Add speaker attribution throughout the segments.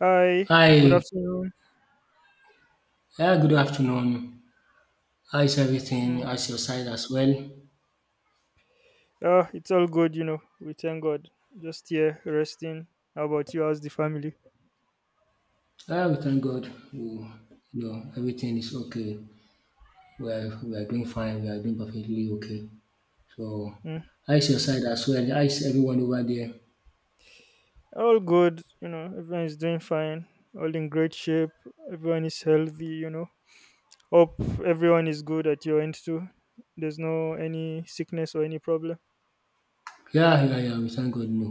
Speaker 1: Hi, good
Speaker 2: Hi,
Speaker 1: afternoon.
Speaker 2: yeah, good afternoon. How is everything?
Speaker 1: Mm.
Speaker 2: How's your side as well?
Speaker 1: It's all good, you know. We thank God. Just here, resting. How about you? How's the family?
Speaker 2: Yeah, we thank God. We, everything is okay. We are doing fine. We are doing perfectly okay. So,
Speaker 1: Mm.
Speaker 2: how is your side as well? How is everyone over there?
Speaker 1: All good, you know. Everyone is doing fine. All in great shape. Everyone is healthy, you know. Hope everyone is good at your end too. There's no any sickness or any problem.
Speaker 2: Yeah, yeah, yeah. We thank God. No,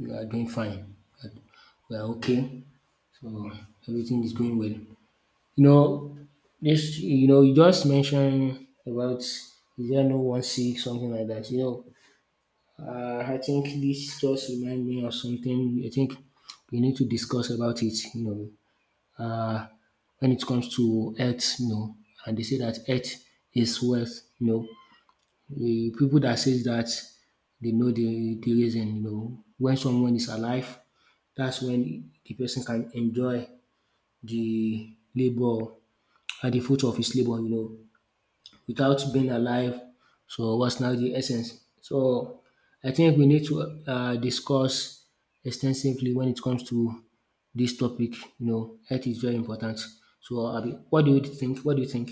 Speaker 2: we are doing fine. But we are okay. So everything is going well. You know, this. You know, you just mentioned about is there no one sick something like that. You know, I think this just remind me of something. I think we need to discuss about it. You know, when it comes to health, you know, and they say that health is wealth. You know, the people that says that they know the reason. You know, when someone is alive, that's when the person can enjoy the labor and the fruit of his labor. You know, without being alive. So what's now the essence? So I think we need to discuss extensively when it comes to this topic. You know, health is very important. So Abi, what do you think? What do you think?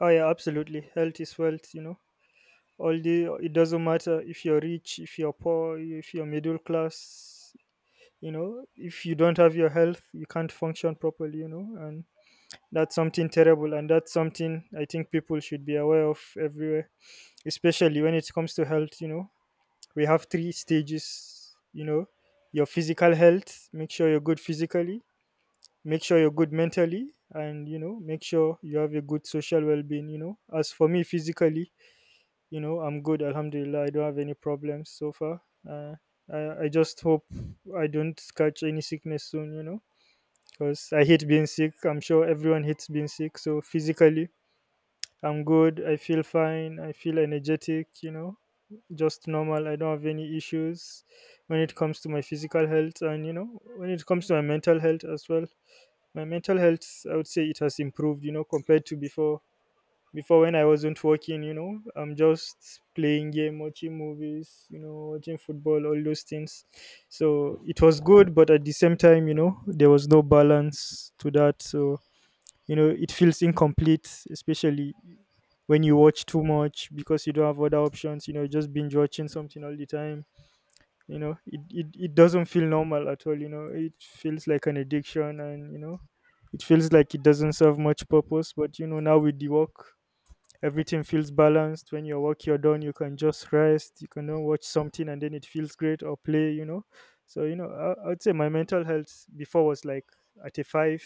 Speaker 1: Oh yeah, absolutely. Health is wealth, you know. All the it doesn't matter if you're rich, if you're poor, if you're middle class. You know, if you don't have your health, you can't function properly, you know, and that's something terrible, and that's something I think people should be aware of everywhere, especially when it comes to health, you know, we have three stages, you know, your physical health, make sure you're good physically, make sure you're good mentally, and you know, make sure you have a good social well-being, you know. As for me, physically, you know, I'm good, alhamdulillah, I don't have any problems so far. uh, I just hope I don't catch any sickness soon, you know, because I hate being sick. I'm sure everyone hates being sick. So physically, I'm good. I feel fine. I feel energetic, you know, just normal. I don't have any issues when it comes to my physical health, and, you know, when it comes to my mental health as well. My mental health, I would say it has improved, you know, compared to before, before when I wasn't working, you know, I'm just playing game, watching movies, you know, watching football, all those things. So it was good, but at the same time, you know, there was no balance to that. So, you know, it feels incomplete, especially when you watch too much because you don't have other options, you know, just binge watching something all the time. You know, it doesn't feel normal at all, you know. It feels like an addiction, and you know, it feels like it doesn't serve much purpose. But you know, now with the work, everything feels balanced. When your work you're done, you can just rest, you can watch something and then it feels great, or play, you know. So you know, I, I'd say my mental health before was like at a five,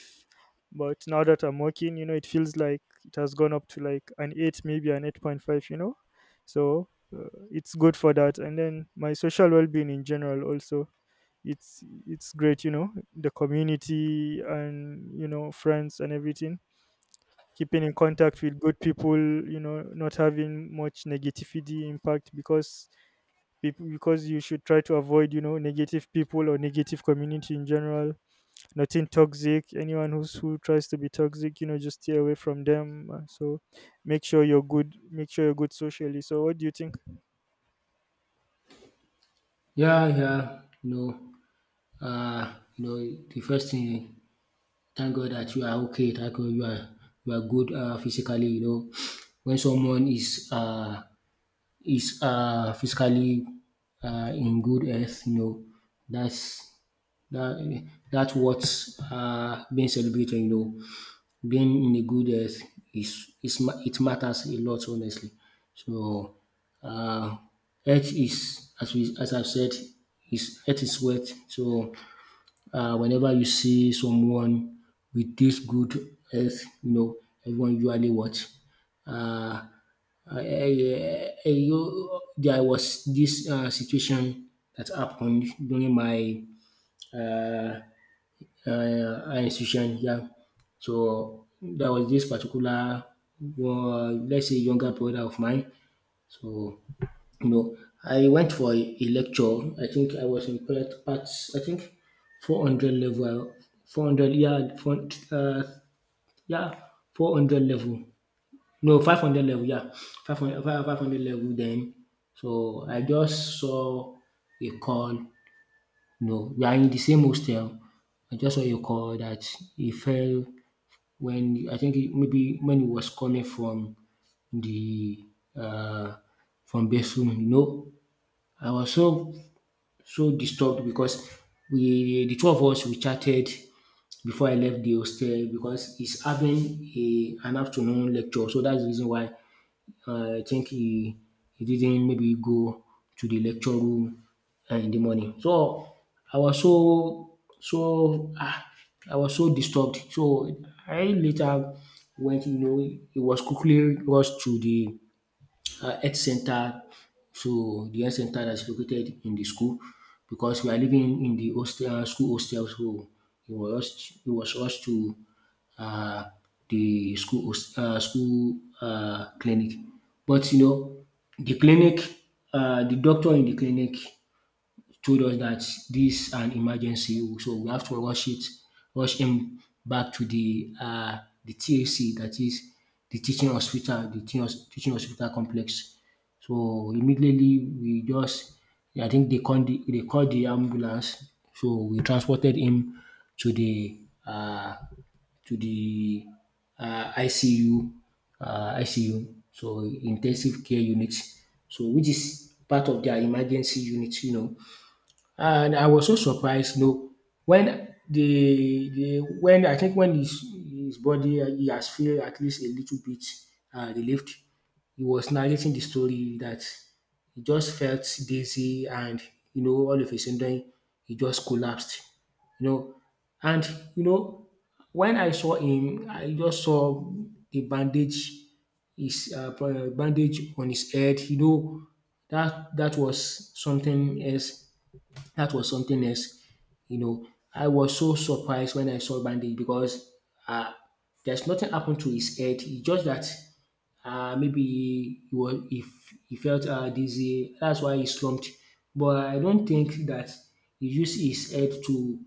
Speaker 1: but now that I'm working, you know, it feels like it has gone up to like an eight, maybe an 8.5, you know. So it's good for that, and then my social well-being in general also, it's great, you know, the community and you know friends and everything, keeping in contact with good people, you know, not having much negativity impact because people, because you should try to avoid, you know, negative people or negative community in general, nothing toxic, anyone who's who tries to be toxic, you know, just stay away from them. So make sure you're good, make sure you're good socially. So what do you think?
Speaker 2: Yeah, yeah. You know, the first thing, thank God that you are okay. Thank God you are good physically. You know, when someone is physically in good health, you know, that's that's what's being celebrated, you know. Being in a good health is it matters a lot, honestly. So uh, health is, as we as I've said, is health is wealth. So whenever you see someone with this good health, you know, everyone usually what. Uh, there was this situation that happened during my uh, institution, yeah. So there was this particular one, let's say, younger brother of mine. So you know, I went for a lecture. I think I was in part I think 400 level, 400 yeah, four um yeah 400 level, no 500 level, yeah, 500 level then. So I just saw a call, no, we are in the same hostel. I just want to call that he fell when, I think he, maybe when he was coming from the uh, from bathroom. You know, I was so disturbed because we, the two of us, we chatted before I left the hostel because he's having a an afternoon lecture, so that's the reason why, I think he didn't maybe go to the lecture room in the morning. So I was so I was so disturbed. So I later went, you know, it was quickly rushed to the health center, so the health center that is located in the school because we are living in the hostel, school hostel. So he was rushed to uh, the school clinic. But you know, the clinic, the doctor in the clinic told us that this is an emergency, so we have to rush it, rush him back to the TAC, that is the teaching hospital, the teaching hospital complex. So immediately, we just, I think they called they called the ambulance. So we transported him to the uh, to the ICU, ICU. So intensive care unit. So which is part of their emergency unit, you know. And I was so surprised, you know, when the when I think when his body, he has feel at least a little bit relieved, he was narrating the story that he just felt dizzy, and you know, all of a sudden he just collapsed, you know, and you know, when I saw him, I just saw the bandage, his bandage on his head, you know, that that was something else, that was something else. You know, I was so surprised when I saw bandage because, uh, there's nothing happened to his head. It's just that maybe he was, if he felt dizzy, that's why he slumped. But I don't think that he used his head to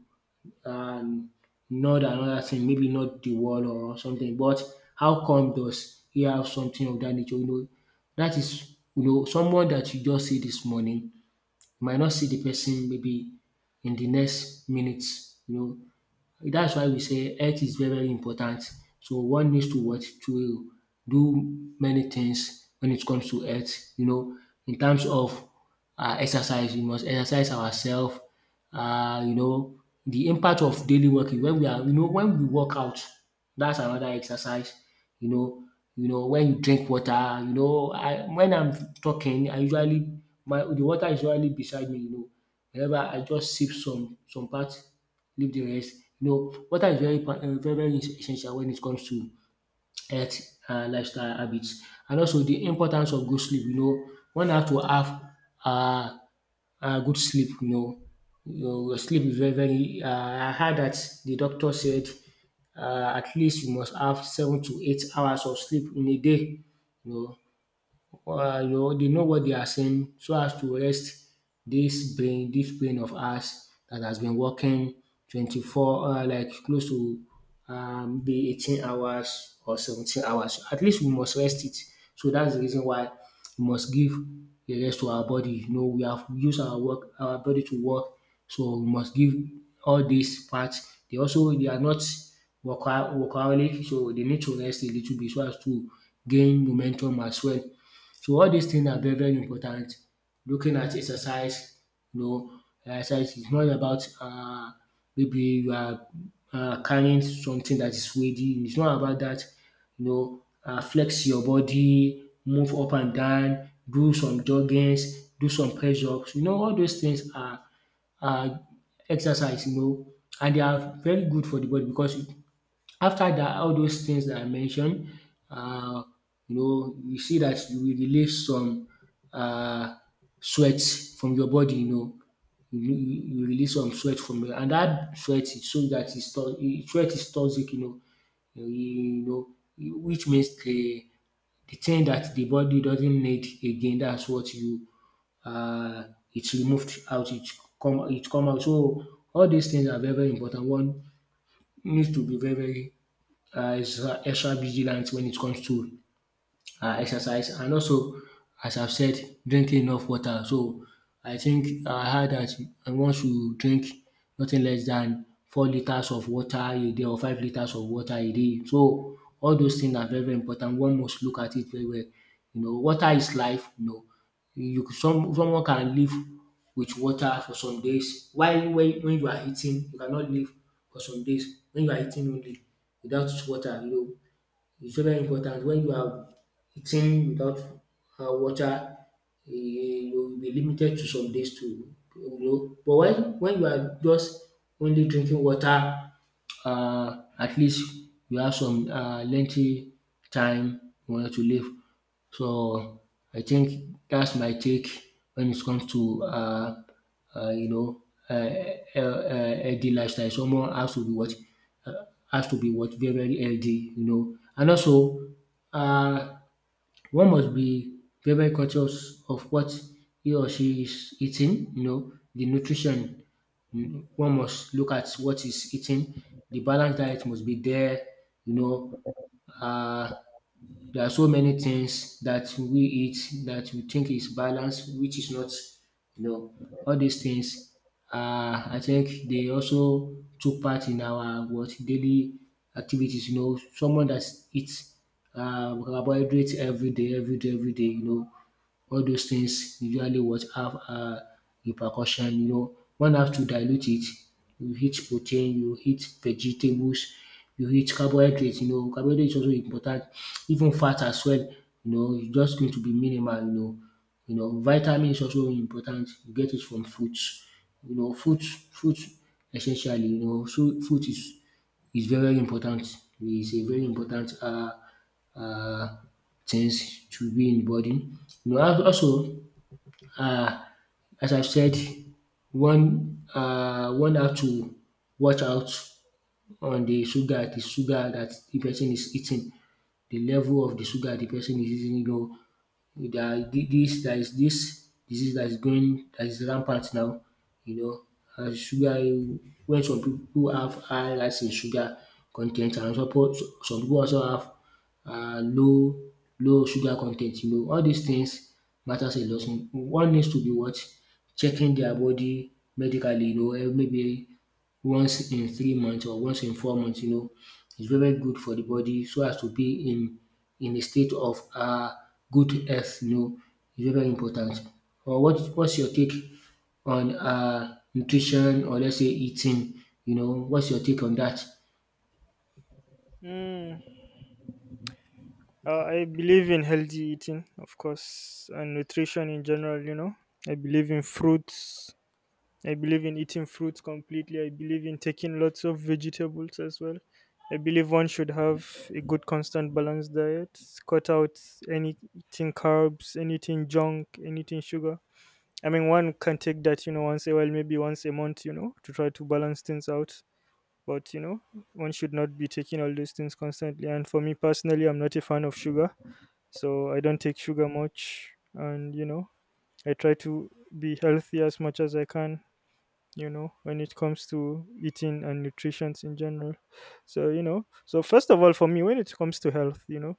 Speaker 2: um, nod another thing, maybe not the wall or something. But how come does he have something of that nature? You know, that is, you know, someone that you just see this morning might not see the person maybe in the next minutes, you know, that's why we say health is very, very important. So one needs to what, to do many things when it comes to health. You know, in terms of exercise, we must exercise ourselves. You know, the impact of daily working when we are, you know, when we work out, that's another exercise. You know, you know, when you drink water. You know, I when I'm talking, I usually, my the water is usually beside me. You know, whenever I just sip some part, leave the rest. You know, water is very impor very very essential when it comes to health and lifestyle habits. And also the importance of good sleep, you know, one have to have um good sleep, you know. Your sleep is very very, I heard that the doctor said, um at least you must have 7 to 8 hours of sleep in a day, you know, you know, they know what they are saying, so as to rest this brain of ours that has been working 24, like close to, be 18 hours or 17 hours. At least we must rest it. So that's the reason why we must give a rest to our body. You know, we have used our body to work, so we must give all these parts. They also, they are not workaholic, so they need to rest a little bit so as to gain momentum as well. So all these things are very very important. Looking at exercise, you know, exercise is not about, maybe you are carrying something that is weighty, it's not about that. You know, flex your body, move up and down, do some joggings, do some press ups. You know, all those things are exercise, you know, and they are very good for the body because after that, all those things that I mentioned, um you know, you see that you will release some um sweat from your body, you know, you release some sweat from your, and that sweat shows dat is so that it's sweat is toxic, you know, you know, which means the thing that the body doesn't need again, that's what you, it's removed out, it come out. So all these things are very very important. One needs to be very very is extra vigilant when it comes to exercise, and also, as I've said, drinking enough water. So I think, I heard that one should drink nothing less than 4 liters of water a day or 5 liters of water a day. So all those things are very very important. One must look at it very well. You know, water is life. You know, some someone can live with water for some days, while when you are eating, you cannot live for some days when you are eating only without water. You know, it's very important, when you are eating without water, um you will be limited to some days to, you know, but when you are just only drinking water, at least you have some lengthy time you want to live. So I think that's my take when it comes to you know, healthy lifestyle. Someone has to be what, uh, has to be what, very very healthy, you know, and also, uh, one must be very, very conscious of what he or she is eating, you know, the nutrition. Mm, one must look at what is eating. The balanced diet must be there, you know. Uh, there are so many things that we eat that we think is balanced, which is not. You know, all these things are, I think, they also took part in our what daily activities. You know, someone that eats carbohydrates every day, every day, every day. You know, all those things usually what have repercussion, you know. One have to dilute it. You eat protein, you eat vegetables, you eat carbohydrates, you know. Carbohydrate is also important. Even fat as well, you know, it's just going to be minimal, you know. You know, vitamin is also important. You get it from fruits. You know, fruit essentially, you know, so fruit is very important. It's a very important uh, things to be in the body. You know, also uh, as I have said one have to watch out on the sugar that the person is eating, the level of the sugar the person is eating, you know. There are this disease that is going, that is rampant now, you know, and sugar, when some people have high rise in sugar con ten t and suppose some people also have um low low sugar con ten t, you know. All these things matters a lot. One needs to be what? Checking their body medically, you know, eh, maybe once in 3 months or once in 4 months, you know. It's very, very good for the body so as to be in a state of good health, you know. It's very, very important. Or what's your take on nutrition, or let's say eating, you know, what's your take on that?
Speaker 1: Mm. I believe in healthy eating, of course, and nutrition in general, you know. I believe in fruits. I believe in eating fruits completely. I believe in taking lots of vegetables as well. I believe one should have a good, constant, balanced diet. Cut out anything carbs, anything junk, anything sugar. I mean, one can take that, you know, once a while, maybe once a month, you know, to try to balance things out. But, you know, one should not be taking all these things constantly. And for me personally, I'm not a fan of sugar, so I don't take sugar much, and you know, I try to be healthy as much as I can. You know, when it comes to eating and nutrition in general. So you know, so first of all, for me, when it comes to health, you know,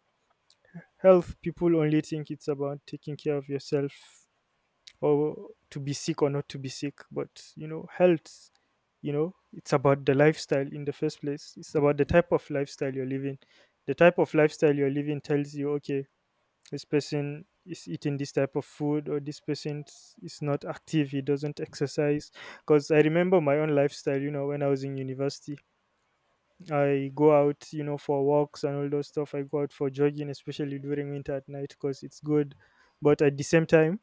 Speaker 1: health, people only think it's about taking care of yourself or to be sick or not to be sick, but you know, health. You know, it's about the lifestyle in the first place. It's about the type of lifestyle you're living. The type of lifestyle you're living tells you, okay, this person is eating this type of food, or this person is not active, he doesn't exercise. Because I remember my own lifestyle, you know, when I was in university, I go out, you know, for walks and all those stuff, I go out for jogging, especially during winter at night, because it's good. But at the same time,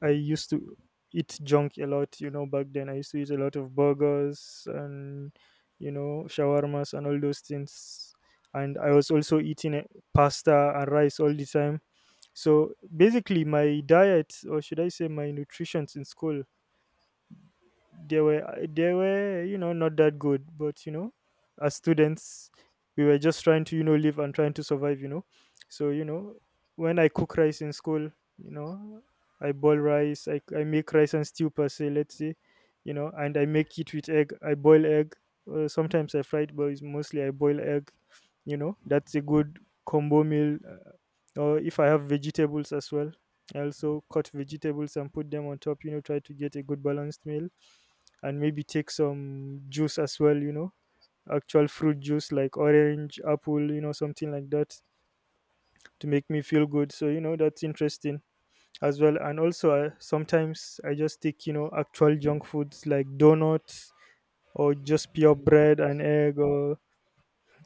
Speaker 1: I used to eat junk a lot, you know, back then I used to eat a lot of burgers and you know shawarmas and all those things, and I was also eating pasta and rice all the time. So basically, my diet, or should I say my nutritions in school, they were you know not that good. But you know, as students, we were just trying to you know live and trying to survive. You know, so you know, when I cook rice in school, you know, I boil rice, I make rice and stew per se, let's say, you know, and I make it with egg. I boil egg. Sometimes I fry it, but it's mostly I boil egg. You know, that's a good combo meal. Or if I have vegetables as well, I also cut vegetables and put them on top, you know, try to get a good balanced meal, and maybe take some juice as well, you know, actual fruit juice like orange, apple, you know, something like that, to make me feel good. So you know, that's interesting as well. And also sometimes I just take, you know, actual junk foods like donuts or just pure bread and egg, or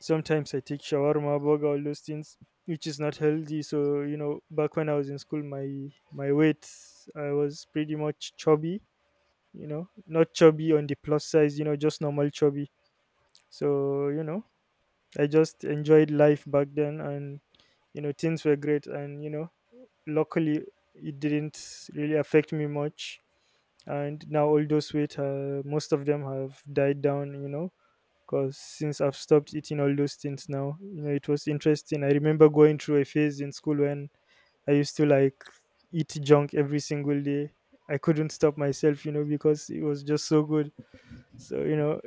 Speaker 1: sometimes I take shawarma, burger, all those things, which is not healthy. So you know, back when I was in school, my weight, I was pretty much chubby. You know, not chubby on the plus size. You know, just normal chubby. So you know, I just enjoyed life back then, and you know, things were great. And you know, luckily, it didn't really affect me much, and now all those weight, most of them have died down, you know, because since I've stopped eating all those things now, you know, it was interesting. I remember going through a phase in school when I used to like eat junk every single day. I couldn't stop myself, you know, because it was just so good. So, you know,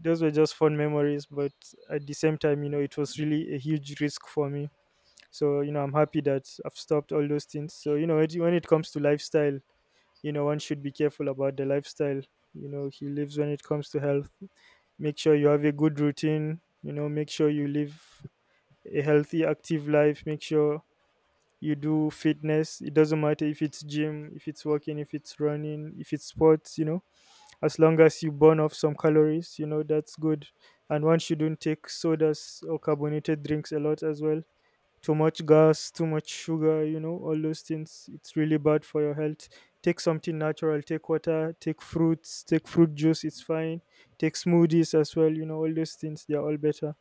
Speaker 1: those were just fun memories, but at the same time, you know, it was really a huge risk for me. So, you know, I'm happy that I've stopped all those things. So, you know, it- when it comes to lifestyle, you know, one should be careful about the lifestyle, you know, he lives. When it comes to health, make sure you have a good routine, you know, make sure you live a healthy active life, make sure you do fitness, it doesn't matter if it's gym, if it's walking, if it's running, if it's sports, you know, as long as you burn off some calories, you know, that's good. And one shouldn't take sodas or carbonated drinks a lot as well, too much gas, too much sugar, you know, all those things. It's really bad for your health. Take something natural, take water, take fruits, take fruit juice, it's fine. Take smoothies as well, you know, all those things, they're all better.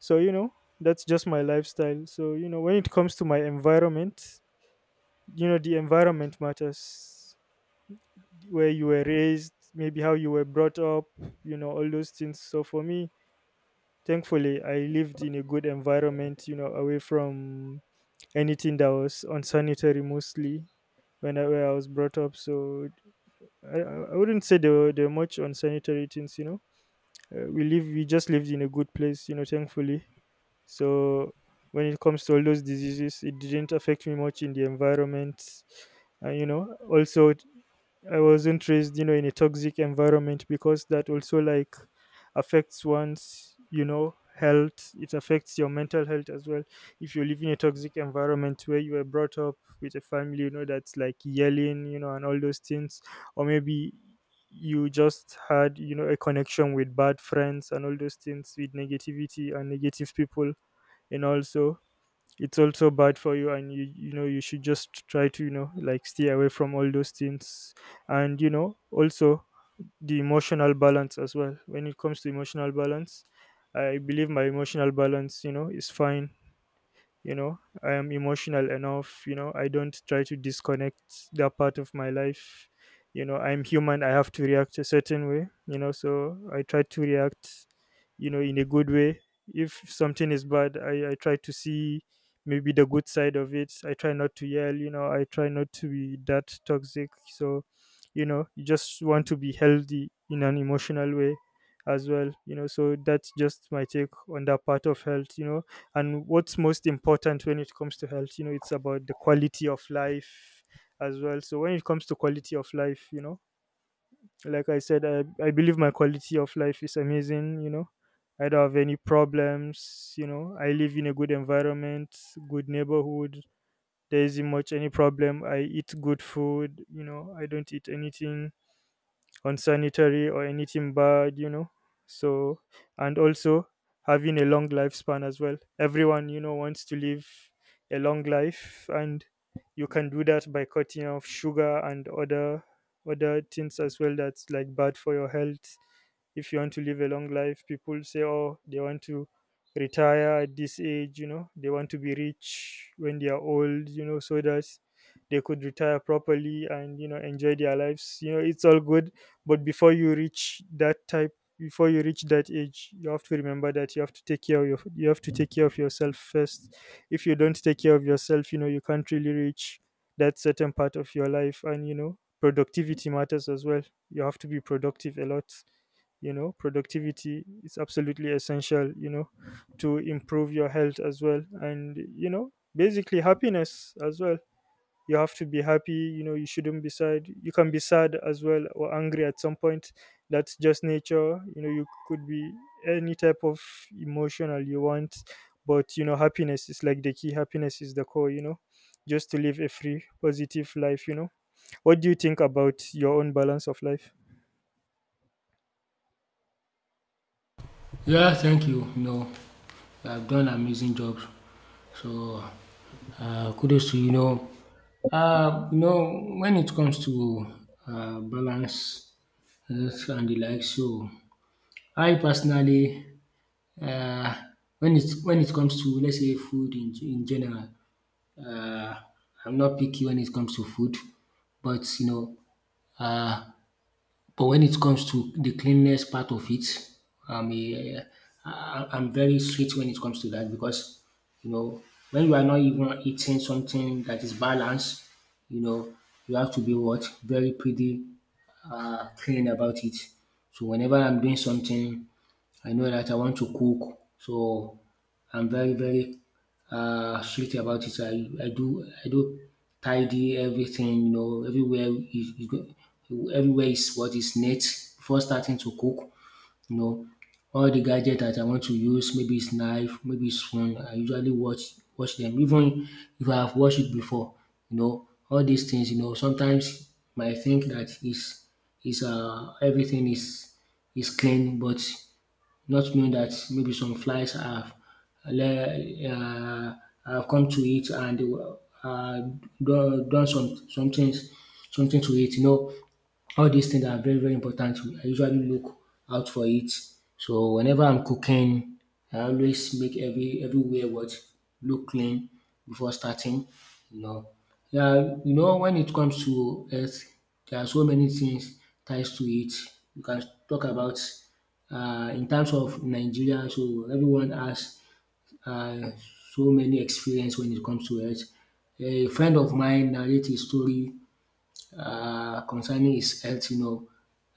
Speaker 1: So, you know, that's just my lifestyle. So, you know, when it comes to my environment, you know, the environment matters, where you were raised, maybe how you were brought up, you know, all those things. So, for me, thankfully, I lived in a good environment, you know, away from anything that was unsanitary mostly, where I was brought up. So I wouldn't say there were much unsanitary things, you know. We just lived in a good place, you know, thankfully. So when it comes to all those diseases, it didn't affect me much in the environment. And, you know, also I wasn't raised, you know, in a toxic environment, because that also like affects one's, you know, health. It affects your mental health as well. If you live in a toxic environment where you were brought up with a family, you know, that's like yelling, you know, and all those things, or maybe you just had, you know, a connection with bad friends and all those things with negativity and negative people, and also it's also bad for you. And you know you should just try to, you know, like stay away from all those things. And, you know, also the emotional balance as well. When it comes to emotional balance, I believe my emotional balance, you know, is fine. You know, I am emotional enough. You know, I don't try to disconnect that part of my life. You know, I'm human, I have to react a certain way. You know, so I try to react, you know, in a good way. If something is bad, I try to see maybe the good side of it. I try not to yell. You know, I try not to be that toxic. So, you know, you just want to be healthy in an emotional way as well. You know, so that's just my take on that part of health. You know, and what's most important when it comes to health, you know, it's about the quality of life as well. So when it comes to quality of life, you know, like I said, I believe my quality of life is amazing. You know, I don't have any problems. You know, I live in a good environment, good neighborhood. There isn't much any problem. I eat good food. You know, I don't eat anything unsanitary or anything bad, you know. So, and also having a long lifespan as well. Everyone, you know, wants to live a long life, and you can do that by cutting off sugar and other things as well that's like bad for your health. If you want to live a long life, people say, oh, they want to retire at this age. You know, they want to be rich when they are old. You know, so that they could retire properly and, you know, enjoy their lives. You know, it's all good. But before you reach that age, you have to remember that you have to take care of yourself first. If you don't take care of yourself, you know, you can't really reach that certain part of your life. And, you know, productivity matters as well. You have to be productive a lot. You know, productivity is absolutely essential, you know, to improve your health as well. And, you know, basically happiness as well. You have to be happy. You know, you shouldn't be sad. You can be sad as well, or angry at some point. That's just nature. You know, you could be any type of emotional you want, but, you know, happiness is like the key. Happiness is the core, you know, just to live a free positive life, you know. What do you think about your own balance of life?
Speaker 2: Yeah, thank you. You know, you have done amazing job. So, kudos to you. You know, uh, you know when it comes to balance, health and the like. So, I personally, uh, when it comes to, let's say, food in general, uh, I'm not picky when it comes to food, but you know, uh, but when it comes to the cleanliness part of it, I'm a, I'm very strict when it comes to that because, you know, when you are not even eating something that is balanced, you know, you have to be what? Very pretty clean about it. So whenever I'm doing something, I know that I want to cook. So I'm very, very strict about it. So I do tidy everything, you know, everywhere everywhere is what is neat before starting to cook. You know, all the gadget that I want to use, maybe it's knife, maybe it's spoon. I usually watch them, even if I have watched it before. You know, all these things. You know, sometimes you might think that is everything is clean, but not knowing that maybe some flies have le- uh, have come to it and uh done some things something to it, you know. All these things are very, very important. I usually look out for it. So whenever I'm cooking, I always make everywhere what look clean before starting. You know, yeah, you know, when it comes to health, there are so many things ties to it. You can talk about, in terms of Nigeria. So everyone has uh, so many experience when it comes to health. A friend of mine narrate his story concerning his health, you know,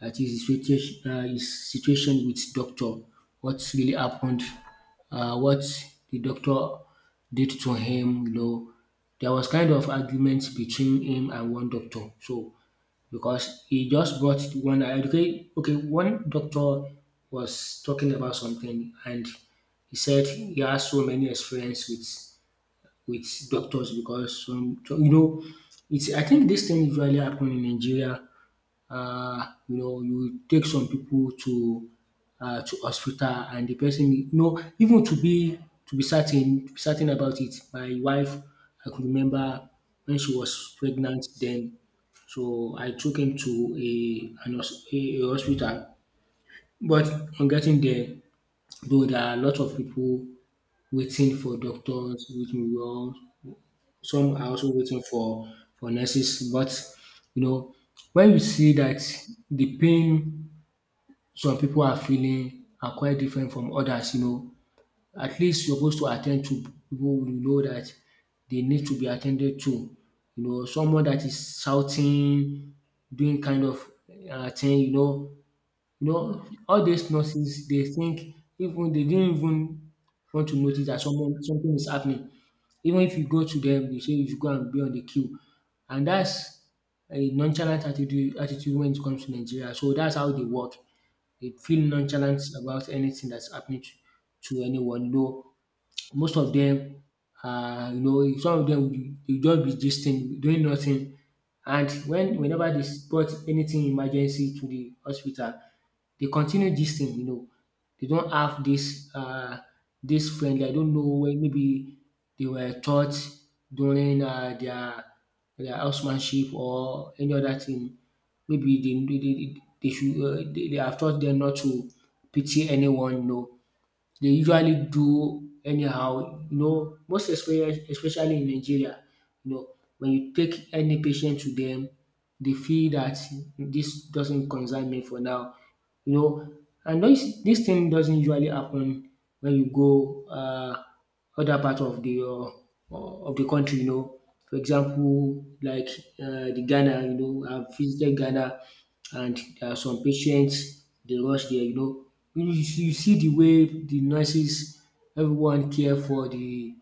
Speaker 2: dat his situation, his situation with doctor. What really happened, what the doctor did to him, you know. There was kind of argument between him and one doctor. So because he just brought one, one doctor was talking about something and he said he has so many experience with doctors, because some, so, you know, it's, I think this thing usually happen in Nigeria. You know, you take some people to hospital and the person, you know, even to be certain about it. My wife, I could remember when she was pregnant then, so I took him to a hospital, but on getting there, though there are a lot of people waiting for doctors, waiting for, some are also waiting for nurses. But you know, when you see that the pain some people are feeling are quite different from others, you know, at least you supposed to attend to people. You know that they need to be attended to. You know, someone that is shouting, doing kind of thing, you know. You know, all these nurses, they think, even they didn't even want to notice that someone something is happening. Even if you go to them, they say you should go and be on the queue. And that's a nonchalant attitude when it comes to Nigeria. So that's how they work. They feel nonchalant about anything that's happening to anyone. No, most of them, you know, some of them, you just be gisting, doing nothing. And whenever they spot anything emergency to the hospital, they continue this thing, you know. They don't have this this friendly. I don't know whe, maybe they were taught during their housemanship or any other thing. Maybe they should, they have taught them not to pity anyone, you know. They usually do anyhow. You know, most especially in Nigeria, you know, when you take any patient to them, they feel that this doesn't concern me for now. You know, and this thing doesn't usually happen when you go other part of the, of the country, you know. For example, like the Ghana, you know, I visited Ghana and there are some patients they rush there, you know. You see the way the nurses, everyone care for the,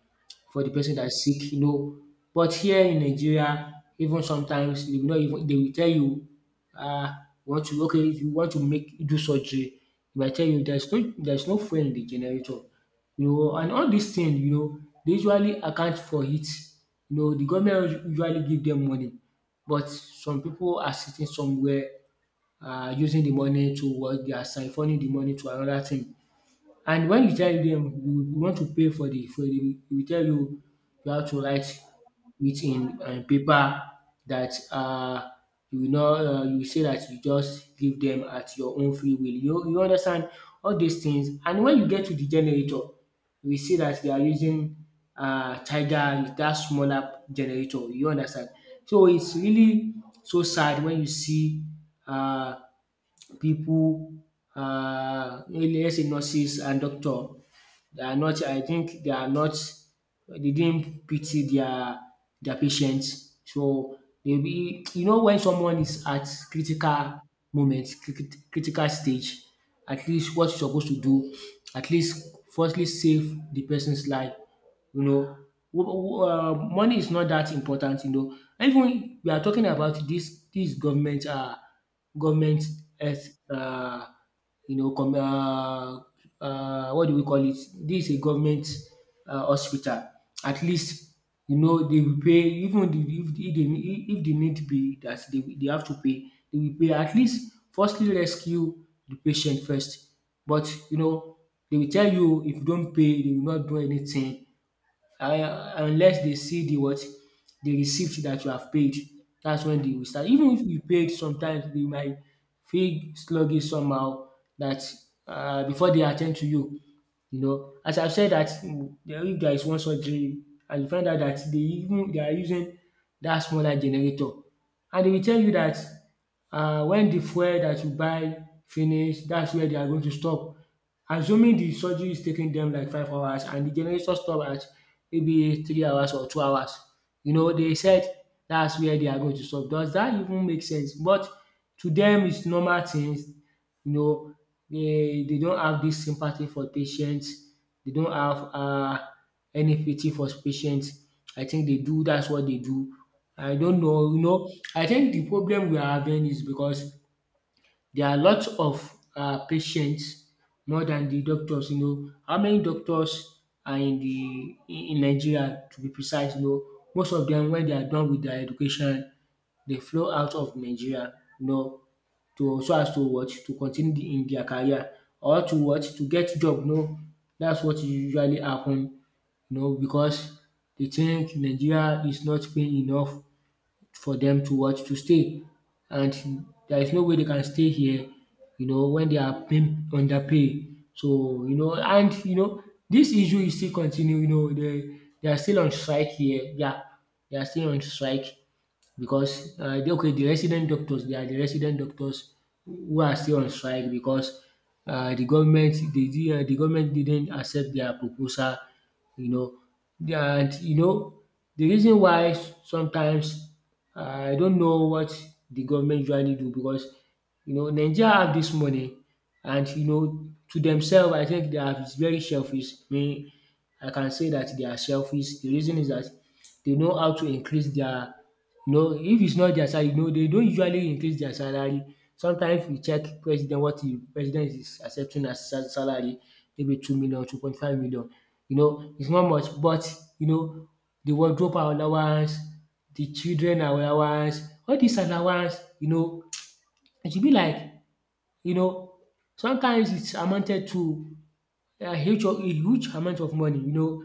Speaker 2: for the person that's sick, you know. But here in Nigeria, even sometimes they will not even dey will tell you, um want to okay, if you want to make do surgery, they might tell you there is no fuel in de generator, you know, and all these things, you know, dey usually account for it, you know. The government usually give them money, but some people are sitting somewhere, using the money towards their, siphonning the money to another thing. And when you tell them you want to pay for the, we tell you you have to write it in paper that, you will not, you say that you just give them at your own free will. You understand all these things. And when you get to the generator, we see that they are using tiger dat smaller generator, you understand. So it's really so sad when you see, um people, let's say nurses and doctor, they are not, I think they are not, they didn't pity their patients. So they be, you know, when someone is at critical moment, critical stage, at least what you're supposed to do, at least firstly save the person's life. You know, money is not that important. You know, even we are talking about this government, government health, you know, com what do we call it? This is a government hospital. At least, you know, they will pay, even the, if the, if they, if the need be dat they have to pay, they will pay. At least firstly rescue the patient first. But you know, they will tell you if you don't pay they will not do anything, um unless they see the what? The receipt that you have paid. That's when they will start. Even if you paid, sometimes they might feel sluggish somehow that, before they attend to you. You know, as I have said that, mm, there-, if there is one surgery and you find out that they, even they are using that smaller generator, and they will tell you that, when the fuel that you buy finish, that's where they are going to stop. Assuming the surgery is taking them like 5 hours and the generator stop at maybe 3 hours or 2 hours. You know, they said that's where they are going to stop. Does that even make sense? But to them, it's normal things, you know. They don't have this sympathy for patients, they don't have any pity for patients. I think they do, that's what they do. I don't know, you know, I think the problem we are having is because there are lots of patients more than the doctors, you know. How many doctors are in the in Nigeria, to be precise, you know. Most of them, when they are done with their education, they flow out of Nigeria, you know, to, so as to what? To continue in their career, or to what? To get job, no, that's what usually happen, you know, because they think Nigeria is not paying enough for them to what? To stay. And there is no way they can stay here, you know, when they are being underpay. So you know, and you know, this issue is still continue, you know. They are still on strike here. Yeah, they are still on strike because okay, the resident doctors, they are the resident doctors who are still on strike because the government the government didn't accept their proposal, you know. And you know, the reason why sometimes I don't know what the government usually do, because you know, Nigeria have this money and you know, to themselves I think they are very selfish. I mean, I can say that they are selfish. The reason is that they know how to increase their— no, if it's not their salary, no, they don't usually increase their salary. Sometimes we check president, what the president is accepting as sa salary, maybe 2 million, 2.5 million, you know, it's not much. But you know, the wardrobe allowance, the children allowance, all dis allowance, you know, it should be like, you know, sometimes it's amounted to a huge amount of money, you know.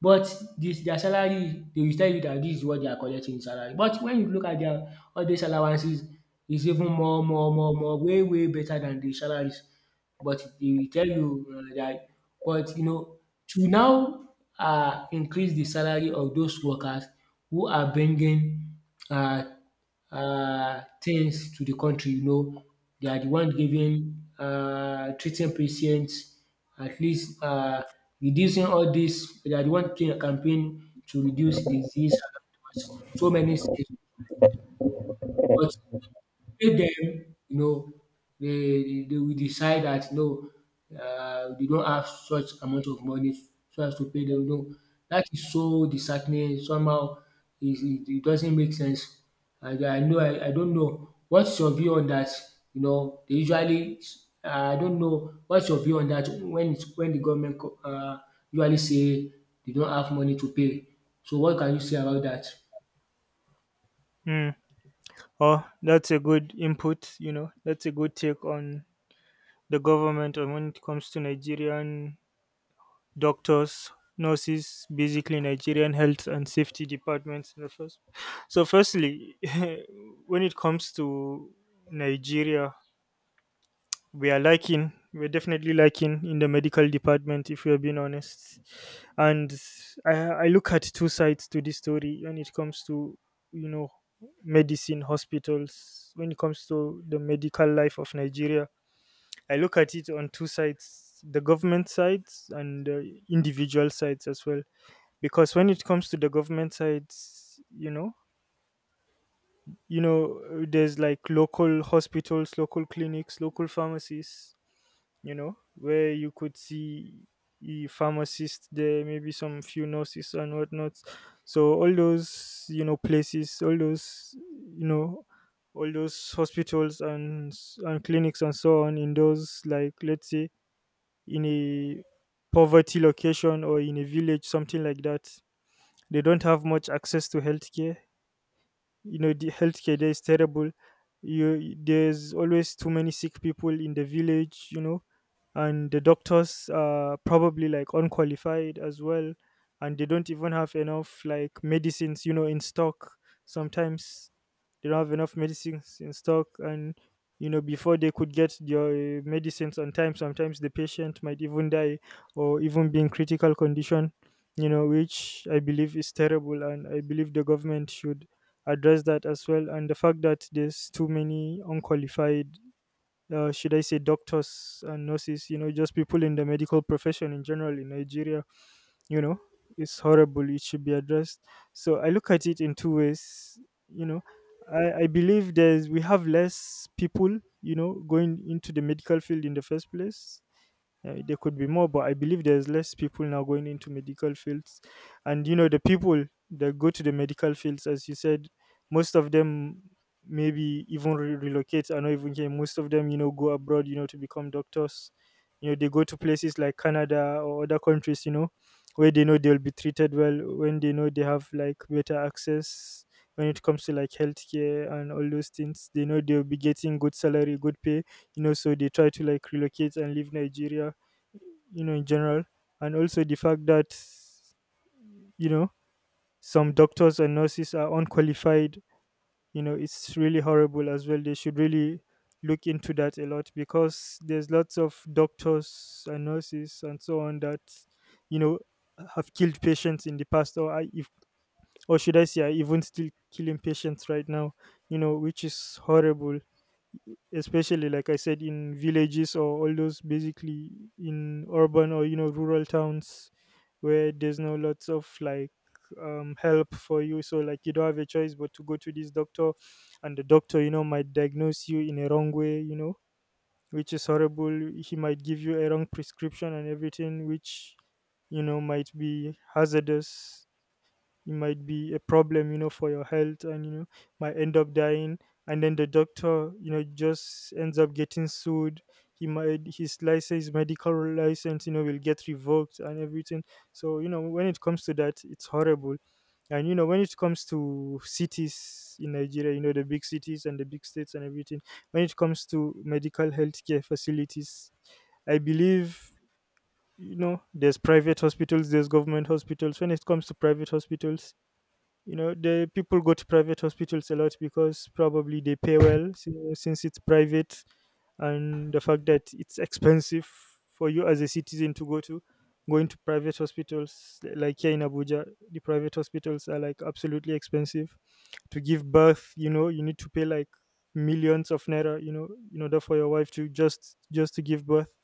Speaker 2: But this their salary, they will tell you that this is what they are collecting in salary. But when you look at their all these allowances, is even more, more, more, more, way, way better than the salaries. But they will tell you that, but you know, to now increase the salary of those workers who are bringing um things to the country, you know. They are the one giving, um, treating patients, at least um, reducing all this. They are the one doing a campaign to reduce disease and so many things. But pay them, you know, they will decide that no, they don't have such amount of money so as to pay them. No, that is so disheartening somehow. It doesn't make sense. And I know, I don't know what's your view on that? You know, they usually I don't know what's your view on that, when it's when the government co usually say they don't have money to pay. So what can you say about that?
Speaker 1: Hmm. Oh, that's a good input. You know, that's a good take on the government and when it comes to Nigerian doctors, nurses, basically Nigerian health and safety departments in the first. So, firstly, when it comes to Nigeria, we are lacking. We're definitely lacking in the medical department, if we're being honest. And I look at two sides to this story when it comes to, you know, medicine, hospitals, when it comes to the medical life of Nigeria. I look at it on two sides, the government sides and the individual sides as well. Because when it comes to the government sides, you know there's like local hospitals, local clinics, local pharmacies, you know, where you could see a pharmacist there, maybe some few nurses and whatnot. So all those, you know, places, all those, you know, all those hospitals and clinics and so on in those like, let's say, in a poverty location or in a village, something like that, they don't have much access to healthcare. You know, the healthcare there is terrible. You There's always too many sick people in the village, you know. And the doctors are probably like unqualified as well, and they don't even have enough like medicines, you know, in stock sometimes. They don't have enough medicines in stock, and, you know, before they could get their medicines on time, sometimes the patient might even die or even be in critical condition. You know, which I believe is terrible, and I believe the government should address that as well. And the fact that there's too many unqualified, should I say, doctors and nurses, you know, just people in the medical profession in general in Nigeria, you know, it's horrible. It should be addressed. So I look at it in two ways. You know, I believe there's we have less people, you know, going into the medical field in the first place. There could be more, but I believe there's less people now going into medical fields. And, you know, the people that go to the medical fields, as you said, most of them maybe even relocate. I know even here, most of them, you know, go abroad, you know, to become doctors. You know, they go to places like Canada or other countries, you know, where they know they'll be treated well, when they know they have like better access when it comes to like healthcare and all those things. They know they'll be getting good salary, good pay, you know, so they try to like relocate and leave Nigeria, you know, in general. And also the fact that, you know, some doctors and nurses are unqualified, you know, it's really horrible as well. They should really look into that a lot because there's lots of doctors and nurses and so on that, you know, have killed patients in the past, or I- if or should I say, are even still killing patients right now, you know, which is horrible. Especially like I said, in villages or all those, basically in urban or, you know, rural towns where there's no lots of like help for you. So like, you don't have a choice but to go to this doctor, and the doctor, you know, might diagnose you in a wrong way, you know, which is horrible. He might give you a wrong prescription and everything, which, you know, might be hazardous. It might be a problem, you know, for your health, and, you know, might end up dying. And then the doctor, you know, just ends up getting sued. He might His license, medical license, you know, will get revoked and everything. So, you know, when it comes to that, it's horrible. And, you know, when it comes to cities in Nigeria, you know, the big cities and the big states and everything, when it comes to medical healthcare facilities, I believe, you know, there's private hospitals, there's government hospitals. When it comes to private hospitals, you know, the people go to private hospitals a lot because probably they pay well, since it's private, and the fact that it's expensive for you as a citizen to go to going to private hospitals like here in Abuja, the private hospitals are like absolutely expensive. To give birth, you know, you need to pay like millions of naira, you know, in order for your wife to just to give birth,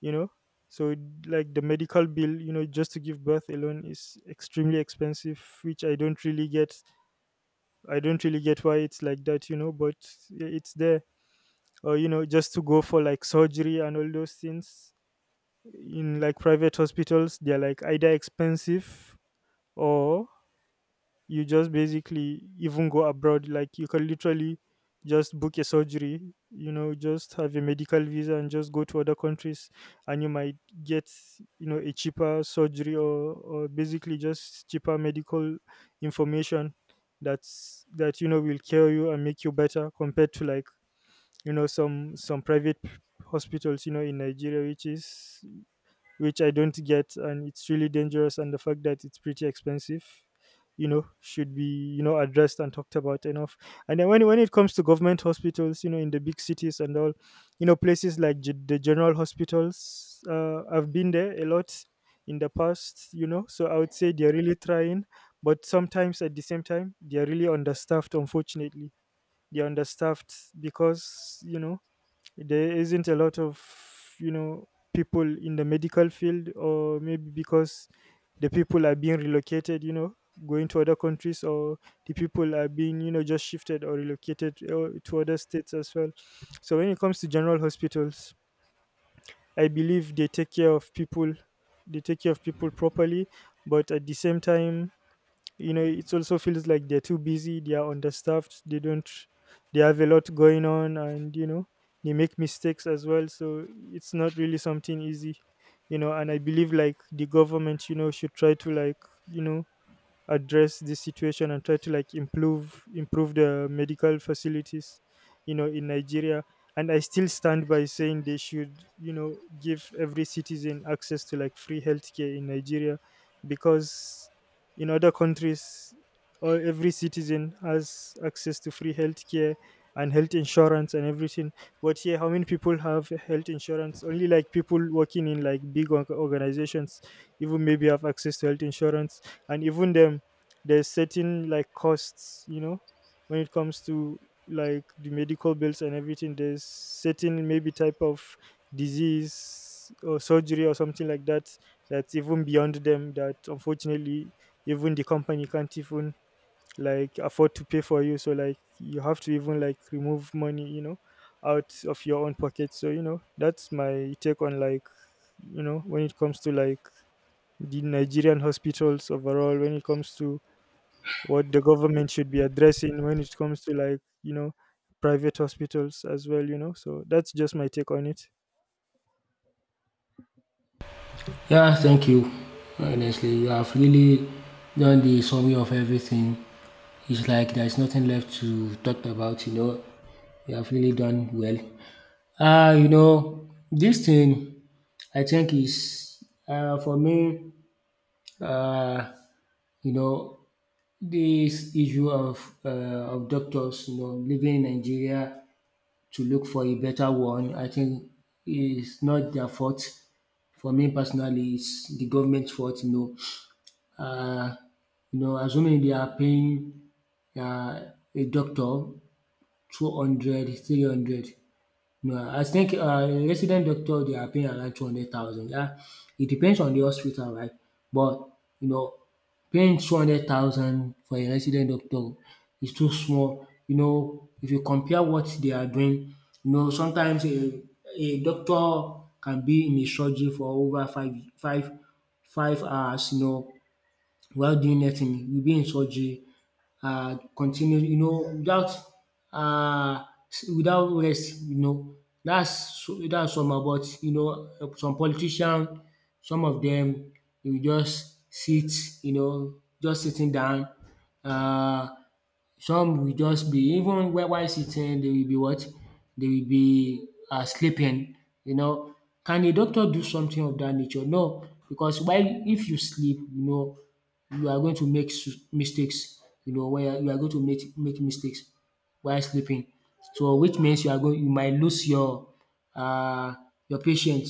Speaker 1: you know. So like the medical bill, you know, just to give birth alone is extremely expensive, which I don't really get. I don't really get why it's like that, you know, but it's there. Or, you know, just to go for like surgery and all those things in like private hospitals, they're like either expensive, or you just basically even go abroad. Like, you can literally just book a surgery, you know, just have a medical visa and just go to other countries, and you might get, you know, a cheaper surgery, or basically just cheaper medical information that, you know, will cure you and make you better compared to like, you know, some private hospitals, you know, in Nigeria, which I don't get, and it's really dangerous. And the fact that it's pretty expensive, you know, should be, you know, addressed and talked about enough. And then when it comes to government hospitals, you know, in the big cities and all, you know, places like the general hospitals, I've been there a lot in the past, you know. So I would say they're really trying, but sometimes at the same time they're really understaffed. Unfortunately, they're understaffed because there isn't a lot of people in the medical field, or maybe because the people are being relocated, you know, going to other countries, or the people are being, you know, just shifted or relocated to other states as well. So when it comes to general hospitals, I believe they take care of people. They take care of people properly, but at the same time, you know, it also feels like they're too busy. They are understaffed, they don't they have a lot going on, and you know, they make mistakes as well. So it's not really something easy, you know. And I believe like the government, you know, should try to, like, you know address this situation and try to, like, improve the medical facilities, you know, in Nigeria. And I still stand by saying they should, you know, give every citizen access to, like, free healthcare in Nigeria. Because in other countries, all every citizen has access to free healthcare and health insurance and everything. But here, how many people have health insurance? Only like people working in, like, organizations even maybe have access to health insurance. And even them, there's certain, like, costs, you know, when it comes to, like, the medical bills and everything. There's certain maybe type of disease or surgery or something like that that's even beyond them, that unfortunately even the company can't even, like, afford to pay for you. So like, you have to even, like, remove money, you know, out of your own pocket. So you know, that's my take on, like, when it comes to, like, the Nigerian hospitals overall, when it comes to what the government should be addressing, when it comes to, like, private hospitals as well, you know. So that's just my take on it.
Speaker 2: Yeah, thank you. Honestly, you have really done the summary of everything. It's like there's nothing left to talk about, you know. You have really done well. You know, this thing I think is, for me, uh, you know, this issue uh, of doctors, you know, leaving Nigeria to look for a better one, I think is not their fault. For me personally, it's the government's fault, you know. uh, you know, assuming they are paying uh, a doctor 200, 300. 300. You know, I think a resident doctor, they are paying around 200,000. Yeah, it depends on the hospital, right? But, you know, paying 200,000 for a resident doctor is too small. You know, if you compare what they are doing, you know, sometimes a doctor can be in a surgery for over 5 hours, you know, while doing nothing. You'll be in surgery, continue you know, without um without rest, you know. Dats that's somehow about, you know, some politician, some of them, dey just sit, you know, just sitting down. Uh. Some will just be, even while sitting, they will be what? They will be sleeping, you know. Can a doctor do something of that nature? No, because while if you sleep, you know, you are going to make s- mistakes, you know. When you are going to make mistakes while sleeping. So which means you are going, you might lose your um, your patient,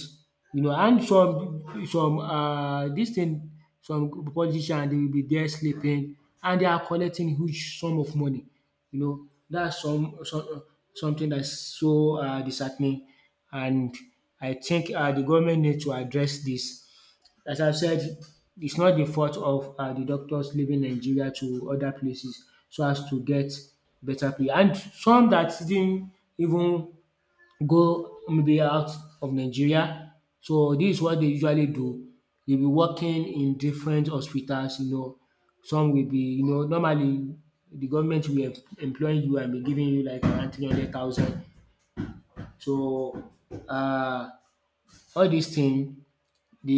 Speaker 2: you know. And some dis thing, some politician dey will be there sleeping and they are collecting huge sum of money, you know. That's some something that's so disheartening. And I think the government need to address this. As I said, it's not the fault of the doctors leaving Nigeria to other places so as to get better pay, and some that didn't even go maybe out of Nigeria. So this is what they usually do. Dey be working in different hospitals, you know, some will be, you know, normally the government will em- employ you and be giving you like around 300,000. So um, all these things. They,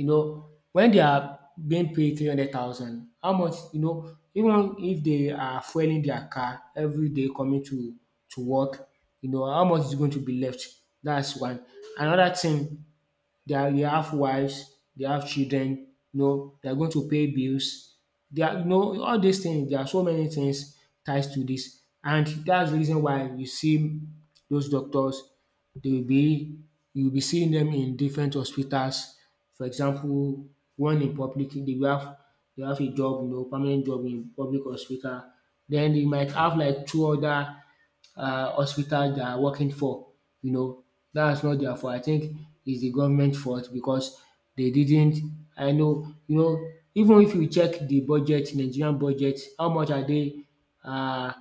Speaker 2: you know, when they are being paid 300,000, how much, you know, even if they are fueling their car every day coming to work, you know, how much is going to be left? That's one. Another thing, they are they have wives, they have children, you know, they are going to pay bills. They are, you know, all these things, there are so many things ties to this, and that's the reason why you see those doctors, they will be, you will be seeing them in different hospitals. For example, one in public, they will have they have a job, you know, permanent job in public hospital. Then they might have like two other hospital they are working for, you know. That's not their fault. I think it's the government fault because they didn't, I know you know, even if you check the budget, Nigerian budget, how much are they um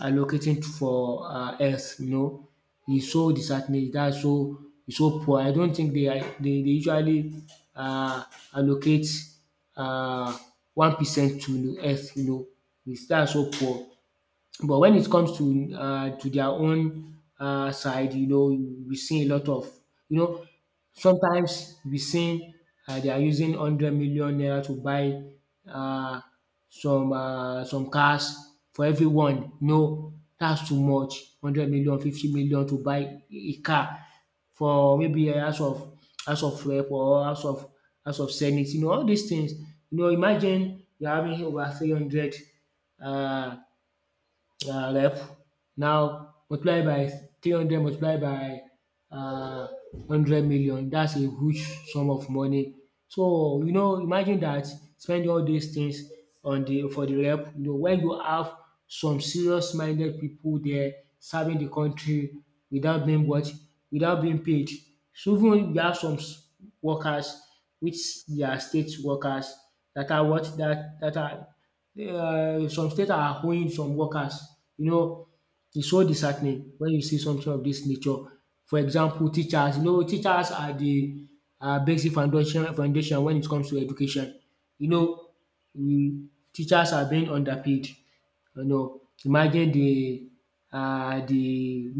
Speaker 2: allocating for health, you know. It's so disheartening, that's so, it's so poor. I don't think they are they usually um allocate um 1% to health, you know. It's that's so poor. But when it comes to their own side, you know, we see a lot of, you know, sometimes we see they are using 100 million naira to buy uh, some cars for everyone. No, that's too much. 100 million, 50 million to buy a car for maybe a house of rep or house of senate. You know, all these things. You know, imagine you're having over 300 uh, ref. Now multiply by 300, multiply by um 100 million. That's a huge sum of money. So you know, imagine that spending all these things on the, for the rep, you know, when you have some serious minded people there serving the country without being what? Without being paid. So even we have some s- workers which they are state workers that are what, that that are um, some states are owing some workers. You know, it's so disheartening when you see something of this nature. For example, teachers. You know, teachers are the basic foundation when it comes to education. You know, teachers are being underpaid. You know, imagine the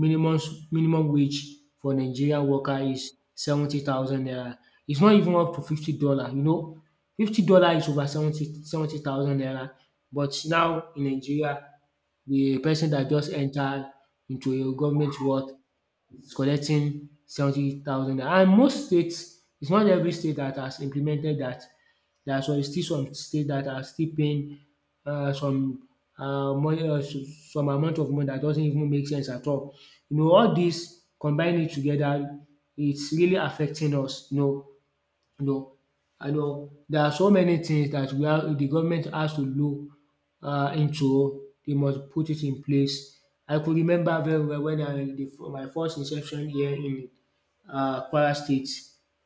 Speaker 2: minimum s- minimum wage for Nigerian worker is 70,000 naira. It's not even up to $50, you know. $50 is over seventy thousand naira. But now in Nigeria, the person that just enter into a government work is collecting 70,000 naira, and most states, its not every state that has implemented that. There are some, still some states that are still paying some money s- some amount of money that doesn't even make sense at all. You know, all this combine it together, it's really affecting us, you know, you know. And um, there are so many things that we are the government has to look into. They must put it in place. I could remember very well when I, the my first inception here in Kwara State.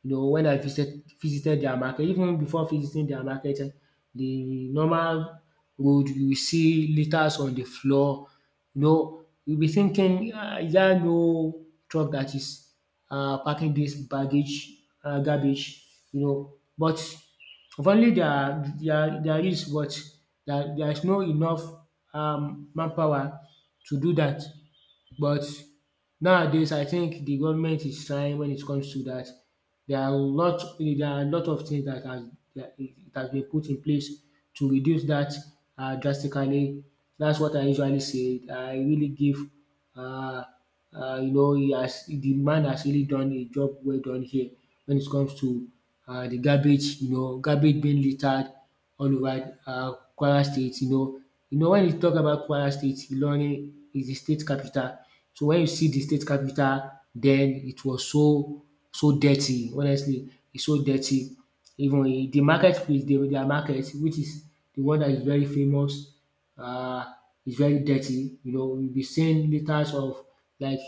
Speaker 2: You know, when I visited their market, even before visiting their market um, the normal road, you will see litres on the floor, you know. You'll be thinking, ah, is there no truck that is packing this baggage, garbage? You know, but if only there is, but there is no enough um manpower to do that. But nowadays I think the government is trying when it comes to that. There are a lot of things that has that it has been put in place to reduce that drastically. That's what I usually say. I really give uh you know, he has, the man has really done a job well done here when it comes to the garbage, you know, garbage being littered all over Kwara State. You know, you know, when you talk about Kwara State, Ilorin is the state capital. So when you see the state capital, then, it was so so dirty, honestly, it's so dirty. Even in the market place, their market which is the one that is very famous, uh, is very dirty. You know, we will be seeing litres of like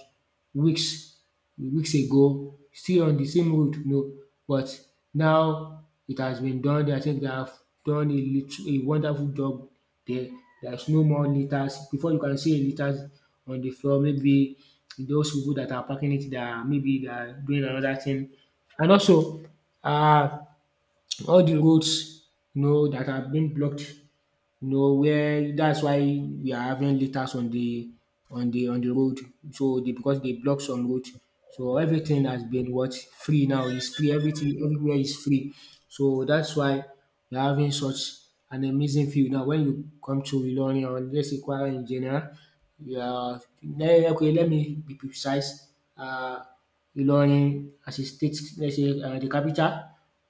Speaker 2: weeks weeks ago, still on the same road, you know. But now it has been done. I think they have done a lit- a wonderful job there. There's no more litters. Before you can see a litters on the floor, maybe those people that are packing it, they are maybe they are doing another thing. And also, uh, all the roads, you know, that have been blocked, you know, where that's why we are having litters on the on the road. So they, because they block some road. So everything has been what, free now. It's free. Everything everywhere is free. So that's why we're having such an amazing view. Now when you come to Ilorin or let's say Kwara in general, yeah, okay, let me be precise. Uh, Ilorin as a state, let's say the capital,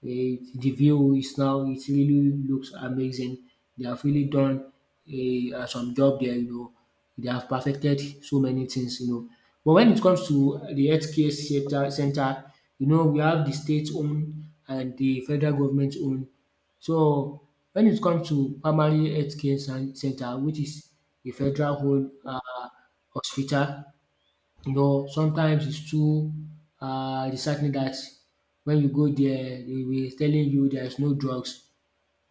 Speaker 2: the view is now, it really looks amazing. They have really done some job there. They have perfected so many things. But when it comes to the healthcare sector, center, we have the state owned and the federal government owned. So when it comes to primary healthcare center, which is a federal owned hospital, sometimes it's too disheartening that when you go there, they will telling you there is no drugs.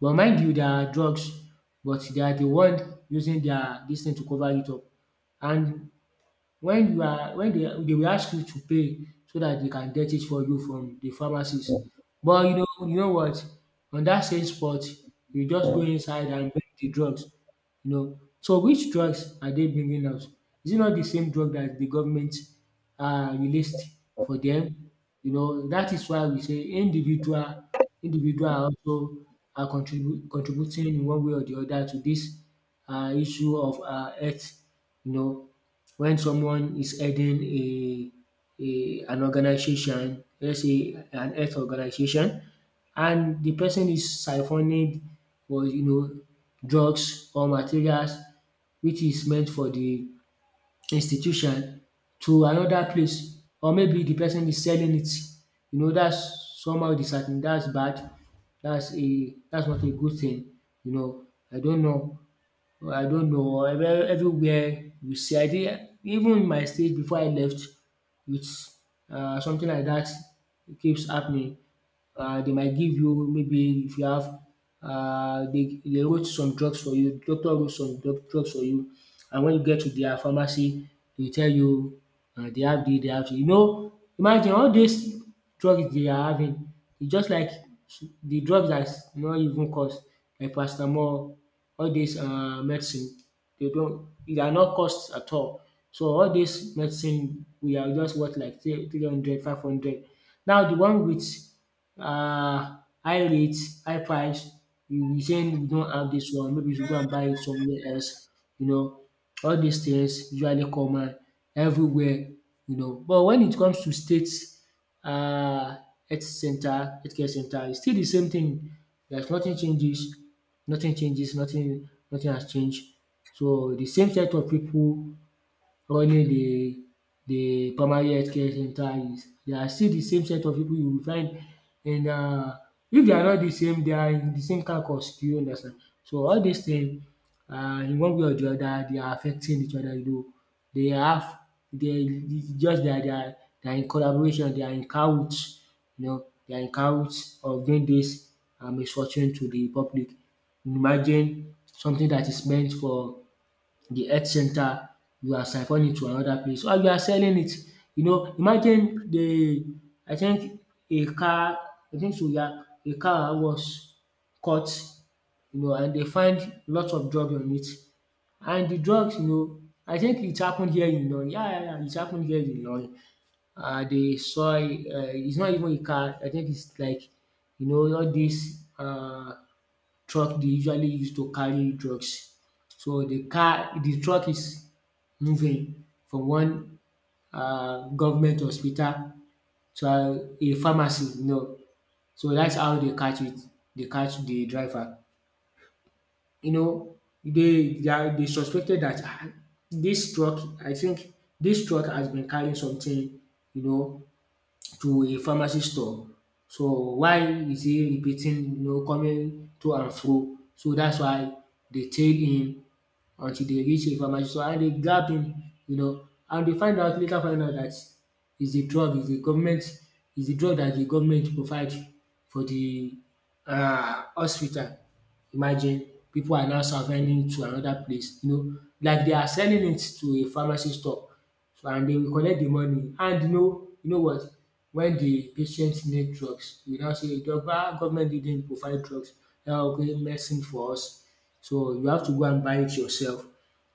Speaker 2: But mind you, there are drugs, but they are the one using their this thing to cover it up. And when you are when they will ask you to pay so that they can get it for you from the pharmacies. But you know what? On that same spot, you just go inside and buy the drugs. So which drugs are they bringing out? Is it not the same drug that the government released for them? You know, that is why we say individual are also are contributing in one way or the other to this issue of health. You know, when someone is heading a an organization, let's say an health organization, and the person is siphoning was drugs or materials which is meant for the institution to another place, or maybe the person is selling it. You know, that's somehow dissatin that's bad, that's not a good thing. You know, I don't know I don't know everywhere you see. I think even in my state before I left, it's something like that keeps happening. They might give you, maybe if you have they wrote some drugs for you, doctor wrote some drugs for you, and when you get to their pharmacy they tell you they have they have dis. You know, imagine all these drugs they are having, it's just like the drugs dat not even cost, like paracetamol, all this medicine they don't e are not cost at all. So all this medicine we are just worth like 300, 500. Now the one wit um high rate, high price, you be saying you don't have this one, maybe you should go and buy it somewhere else, you know. All these things usually common everywhere. But when it comes to state um health center, health care center, it's still the same thing. There's nothing changes, nothing changes, nothing has changed. So the same set of people running the primary health care center is, they are still the same set of people you will find in if they are not the same, they are in the same carcass, do you understand. So all these things, in one way or the other, they are affecting each other. You, though they have they it's just dat they are in collaboration, they are in cahoots, they are in cahoots of doing dis misfortune to the public. Imagine something that is meant for the health center, you are siphoned it to another place or you are selling it. You know, imagine the I think a car. I think so, yeah, a car was caught. You know, and they find lots of drug on it, and the drugs, I think it happened here in Ilorin, yeah, yeah, yeah, it happened here in Ilorin. They saw. It's not even a car. I think it's like, all these. Truck they usually use to carry drugs. So the car, the truck is moving from one government hospital to a pharmacy. So that's how they catch it, they catch the driver. You know, they suspected that dis truck, I think this truck has been carrying something, you know to a pharmacy store. So why is he repeating, coming to and fro? So that's why they tailed him until they reach information. So, and they grab him, and they find out later, find out that, is a drug, is a government, is a drug that the government provide for the, hospital. Imagine people are now surviving to another place, like they are selling it to a pharmacy store, so, and they will collect the money, and you know what, when the patient need drugs you now say, "Doctor, government didn't provide drugs. Now, okay, medicine for us." So you have to go and buy it yourself,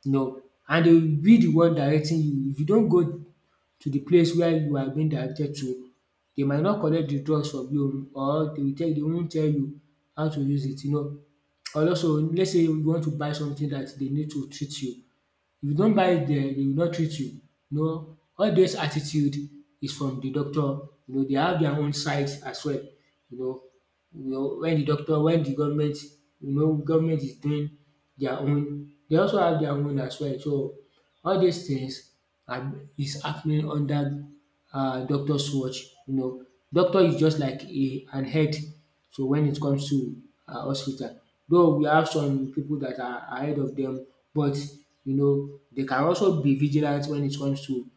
Speaker 2: you know, and they will be the one directing you. If you don't go to the place where you are being directed to, they might not collect the drugs from you, or they will tell, they won't tell you how to use it. And also, let's say you want to buy something that they need to treat you, if you don't buy it dia, dey will not treat you. You know, all this attitude is from the doctor. You know they have their own sides as well. You know you know wen de doctor when the government, government is doing their own, they also have their own as well. So all these things are is happening under doctor's watch. You know, doctor is just like a an head. So when it comes to hospital, though we have some people that are ahead of them, but they can also be vigilant when it comes to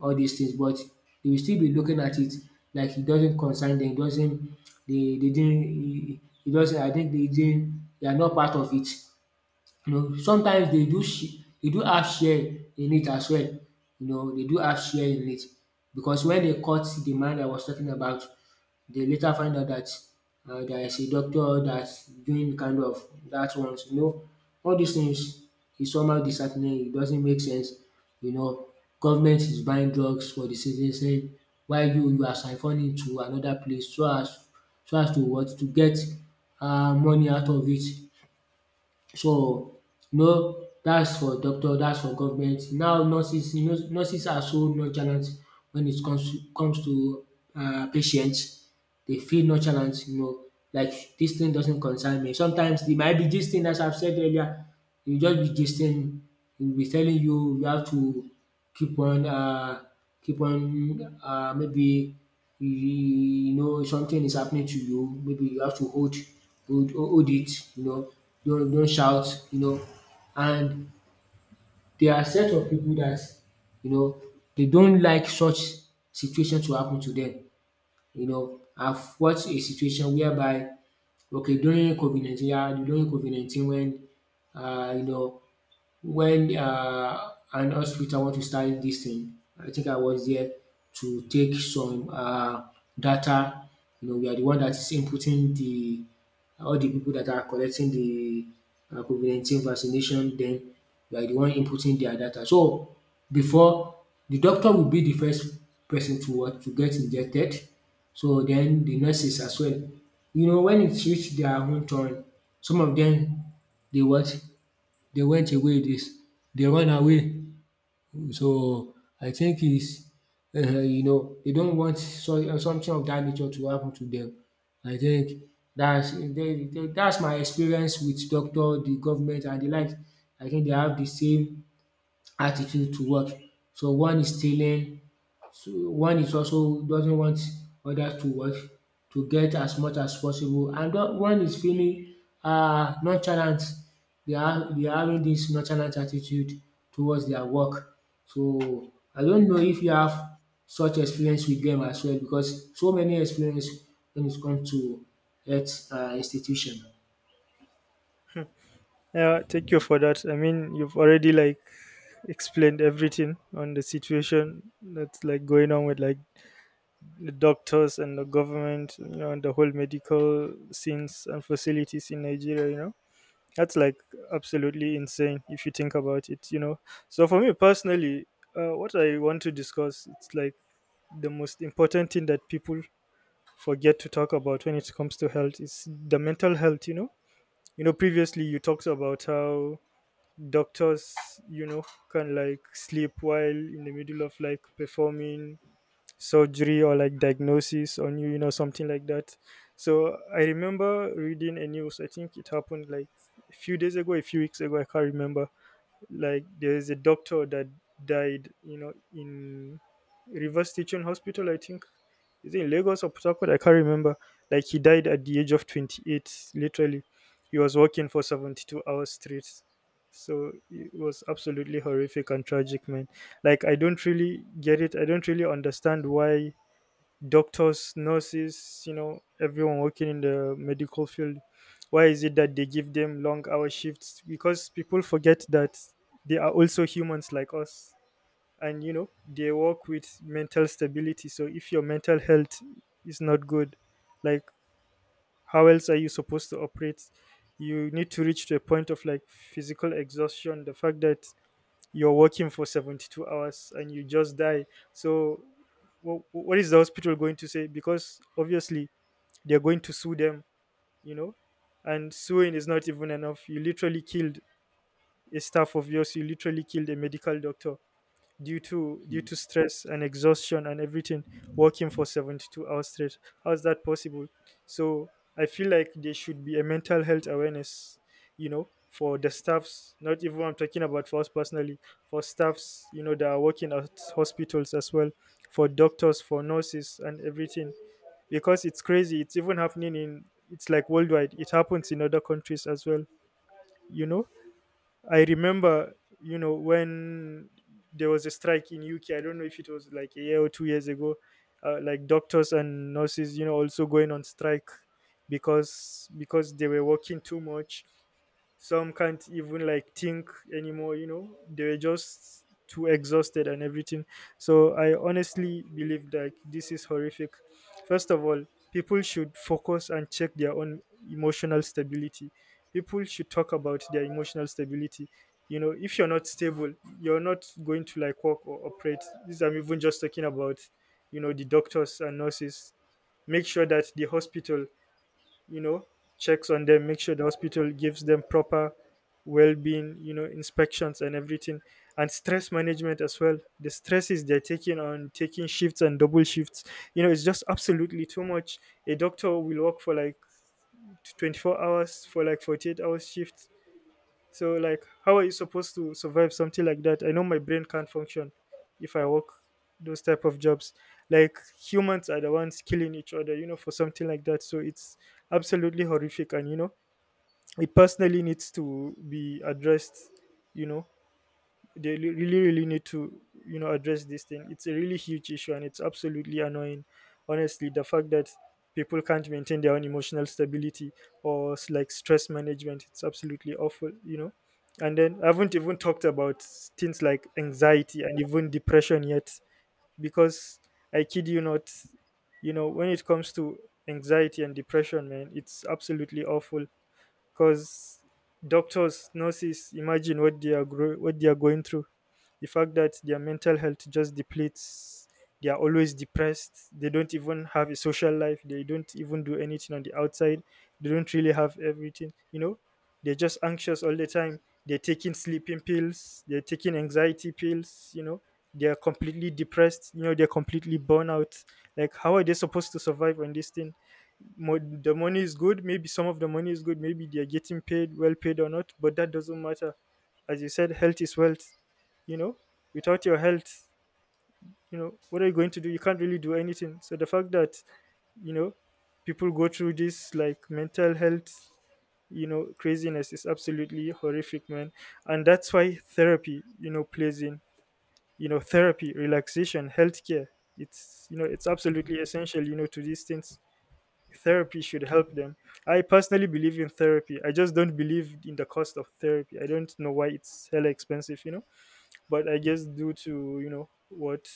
Speaker 2: all these things. But they will still be looking at it like it doesn't concern them. Doesn't they? They didn't. It doesn't. I think they didn't. They are not part of it. You know, sometimes they do they do have share in it as well. You know, they do have share in it, because when they caught the man I was talking about, they later find out that there is a doctor that's doing kind of that ones. You know, all these things is somehow disheartening. It doesn't make sense. You know, government is buying drugs for the citizen, while you are siphoning to another place, so as, to what to get money out of it, so no, that's for doctor. That's for government. Now nurses, nurses are so nonchalant when it comes to, patients. They feel nonchalant, like this thing doesn't concern me. Sometimes they might be gisting, as I've said earlier, you just be gisting, dey will be telling you, you have to keep on um keep on maybe, you know something is happening to you, maybe you have to hold, it, don't shout, and there are set of people that, you know they don't like such situation to happen to them. I've watched a situation whereby, okay, during COVID-19, yeah, during COVID-19, when um you know when an hospital want to start this thing, I think I was there to take some data, we are the one that is inputting the all the people that are collecting the COVID-19 vaccination. Then we are the one inputting their data. So before, the doctor will be the first person to what to get injected, so then the nurses as well. You know, when it reach their own turn, some of them, they what, they went away, they run away. So I think is they don't want, so something of that nature to happen to them. I think dats that's my experience with doctor, the government and the like. I think they have the same attitude to work. So one is stealing, so one is also doesn't want others to what to get as much as possible, and one is feeling nonchalant. They are having dis nonchalant attitude towards their work. So I don't know if you have such experience with them as well, because so many experience when it comes to health institution.
Speaker 1: Yeah, thank you for that. I mean, you've already, like, explained everything on the situation that's, like, going on with, like, the doctors and the government, you know, and the whole medical scenes and facilities in Nigeria, you know. That's, like, absolutely insane if you think about it, you know. So for me personally, what I want to discuss, it's like the most important thing that people forget to talk about when it comes to health is the mental health, you know. You know, previously you talked about how doctors, you know, can, like, sleep while in the middle of, like, performing surgery or, like, diagnosis on you, you know, something like that. So I remember reading a news, I think it happened, like, a few days ago, a few weeks ago, I can't remember. Like, there is a doctor that died, you know, in Reverse Teaching Hospital, I think. Is it in Lagos or Port Harcourt? I can't remember. Like, he died at the age of 28, literally. He was working for 72 hours straight. So it was absolutely horrific and tragic, man. Like, I don't really get it, I don't really understand why doctors, nurses, you know, everyone working in the medical field. Why is it that they give them long hour shifts? Because people forget that they are also humans like us. And you know, they work with mental stability. So if your mental health is not good, like, how else are you supposed to operate? You need to reach to a point of, like, physical exhaustion. The fact that you're working for 72 hours and you just die. So wh- what is the hospital going to say? Because obviously they're going to sue them, you know. And suing is not even enough. You literally killed a staff of yours, you literally killed a medical doctor due to stress and exhaustion and everything, working for 72 hours straight. How is that possible? So I feel like there should be a mental health awareness, you know, for the staffs. Not even, I'm talking about for us personally, for staffs, you know, that are working at hospitals as well, for doctors, for nurses, and everything. Because it's crazy, it's even happening in, it's like worldwide, it happens in other countries as well, you know. I remember, you know, when there was a strike in UK. I don't know if it was like a year or 2 years ago. Like, doctors and nurses, you know, also going on strike because they were working too much. Some can't even, like, think anymore. You know, they were just too exhausted and everything. So I honestly believe that this is horrific. First of all, people should focus and check their own emotional stability. People should talk about their emotional stability. You know, if you're not stable, you're not going to, like, work or operate. This, I'm even just talking about, you know, the doctors and nurses. Make sure that the hospital, you know, checks on them. Make sure the hospital gives them proper well-being, you know, inspections and everything, and stress management as well. The stresses they're taking on, taking shifts and double shifts, you know, it's just absolutely too much. A doctor will work for like 24 hours, for like 48 hours shifts. So like, how are you supposed to survive something like that? I know my brain can't function if I work those type of jobs. Like, humans are the ones killing each other, you know, for something like that. So it's absolutely horrific, and you know, it personally needs to be addressed, you know. They really really need to, you know, address this thing. It's a really huge issue and it's absolutely annoying. Honestly, the fact that people can't maintain their own emotional stability or like stress management, it's absolutely awful, you know. And then I haven't even talked about things like anxiety and even depression yet. Because I kid you not, you know, when it comes to anxiety and depression, man, it's absolutely awful. Because doctors, nurses, imagine what they are what they are going through. The fact that their mental health just depletes, they are always depressed, they don't even have a social life, they don't even do anything on the outside, they don't really have everything, you know. They're just anxious all the time, they're taking sleeping pills, they're taking anxiety pills, you know, they're completely depressed, you know, they're completely burnt out. Like, how are they supposed to survive on this thing? The money is good, maybe some of the money is good, maybe they're getting paid well, paid or not, but that doesn't matter. As you said, health is wealth, you know. Without your health, you know, what are you going to do? You can't really do anything. So the fact that, you know, people go through this, like, mental health, you know, craziness is absolutely horrific, man. And that's why therapy, you know, plays in, you know. Therapy, relaxation, healthcare, it's, you know, it's absolutely essential, you know, to these things. Therapy should help them. I personally believe in therapy, I just don't believe in the cost of therapy. I don't know why it's hella expensive, you know. But I guess, due to, you know what,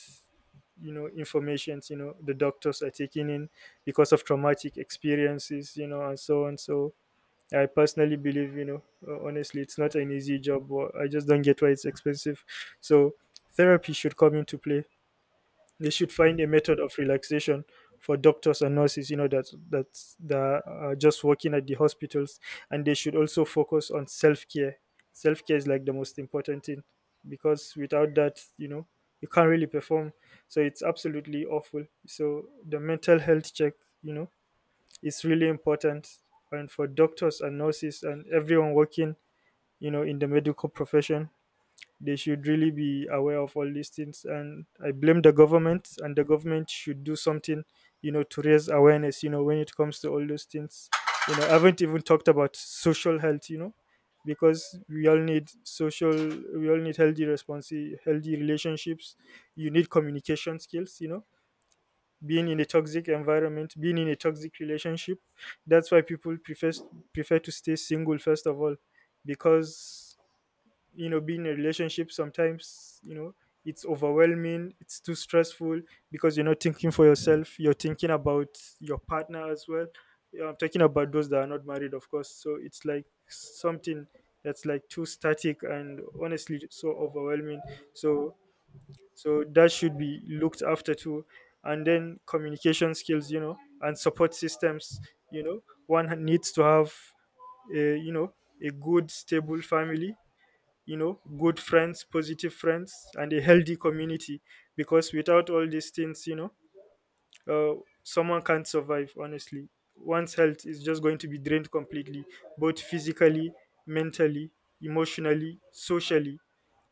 Speaker 1: you know, informations, you know, the doctors are taking in, because of traumatic experiences, you know, and so on. So I personally believe, you know, honestly, it's not an easy job, but I just don't get why it's expensive. So therapy should come into play. They should find a method of relaxation for doctors and nurses, you know, that are just working at the hospitals. And they should also focus on self care. Self care is, like, the most important thing, because without that, you know, you can't really perform. So it's absolutely awful. So the mental health check, you know, is really important. And for doctors and nurses and everyone working, you know, in the medical profession, they should really be aware of all these things. And I blame the government, and the government should do something, you know, to raise awareness, you know, when it comes to all those things. You know, I haven't even talked about social health, you know, because we all need social, we all need healthy response, healthy relationships. You need communication skills, you know. Being in a toxic environment, being in a toxic relationship. That's why people prefer to stay single, first of all. Because, you know, being in a relationship sometimes, you know, it's overwhelming, it's too stressful, because you're not thinking for yourself, you're thinking about your partner as well. Yeah, I'm talking about those that are not married, of course. So it's like something that's, like, too static and honestly so overwhelming. So so that should be looked after too. And then communication skills, you know, and support systems, you know. One needs to have a, you know, a good stable family, you know, good friends, positive friends, and a healthy community. Because without all these things, you know, someone can't survive, honestly. One's health is just going to be drained completely, both physically, mentally, emotionally, socially,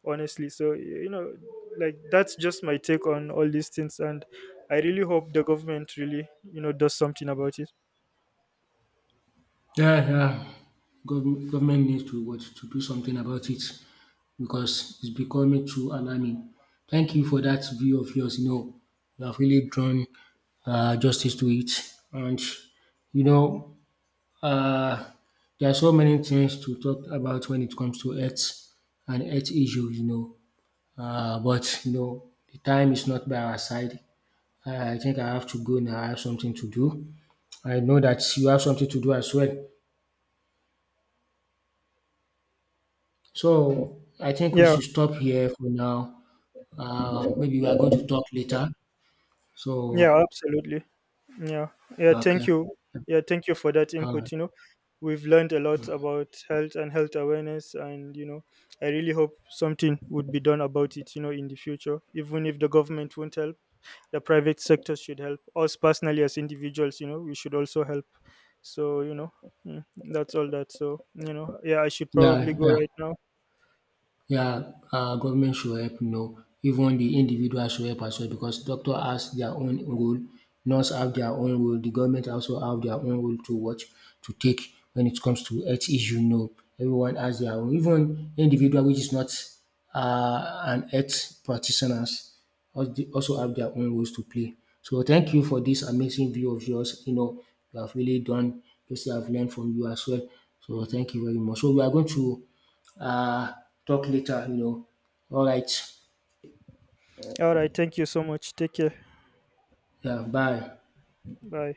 Speaker 1: honestly. So you know, like, that's just my take on all these things, and I really hope the government really, you know, does something about it.
Speaker 2: Yeah, yeah. Government needs to what to do something about it, because it's becoming too alarming. Thank you for that view of yours. You know, you have really drawn justice to it, and you know, uh, there are so many things to talk about when it comes to earth and earth issue. But the time is not by our side. I think I have to go now. I have something to do. I know that you have something to do as well. So I think we
Speaker 1: Yeah,
Speaker 2: should stop here for now. Maybe we are going to talk later. So
Speaker 1: yeah, absolutely. Yeah. Yeah,
Speaker 2: okay,
Speaker 1: thank you. Yeah, thank you for that
Speaker 2: all right,
Speaker 1: input. You know, we've learned a lot about health and health awareness, and you know, I really hope something would be done about it, you know, in the future. Even if the government won't help, the private sector should help. Us personally as individuals, you know, we should also help. So, you know, mm, that's all that. So you know, yeah, I should probably
Speaker 2: yeah,
Speaker 1: go
Speaker 2: yeah.
Speaker 1: right now.
Speaker 2: Yeah, government should help, even the individual should help as well, because doctor has their own role, nurse have their own role, the government also have their own role to watch, to take, when it comes to health issue. Everyone has their own. Even individual which is not an health practitioners also have their own roles to play. So thank you for this amazing view of yours. You know, you have really done, just I've learned from you as well. So thank you very much. So we are going to uh, talk later. All right.
Speaker 1: All right, thank you so much. Take care.
Speaker 2: Yeah, bye.
Speaker 1: Bye.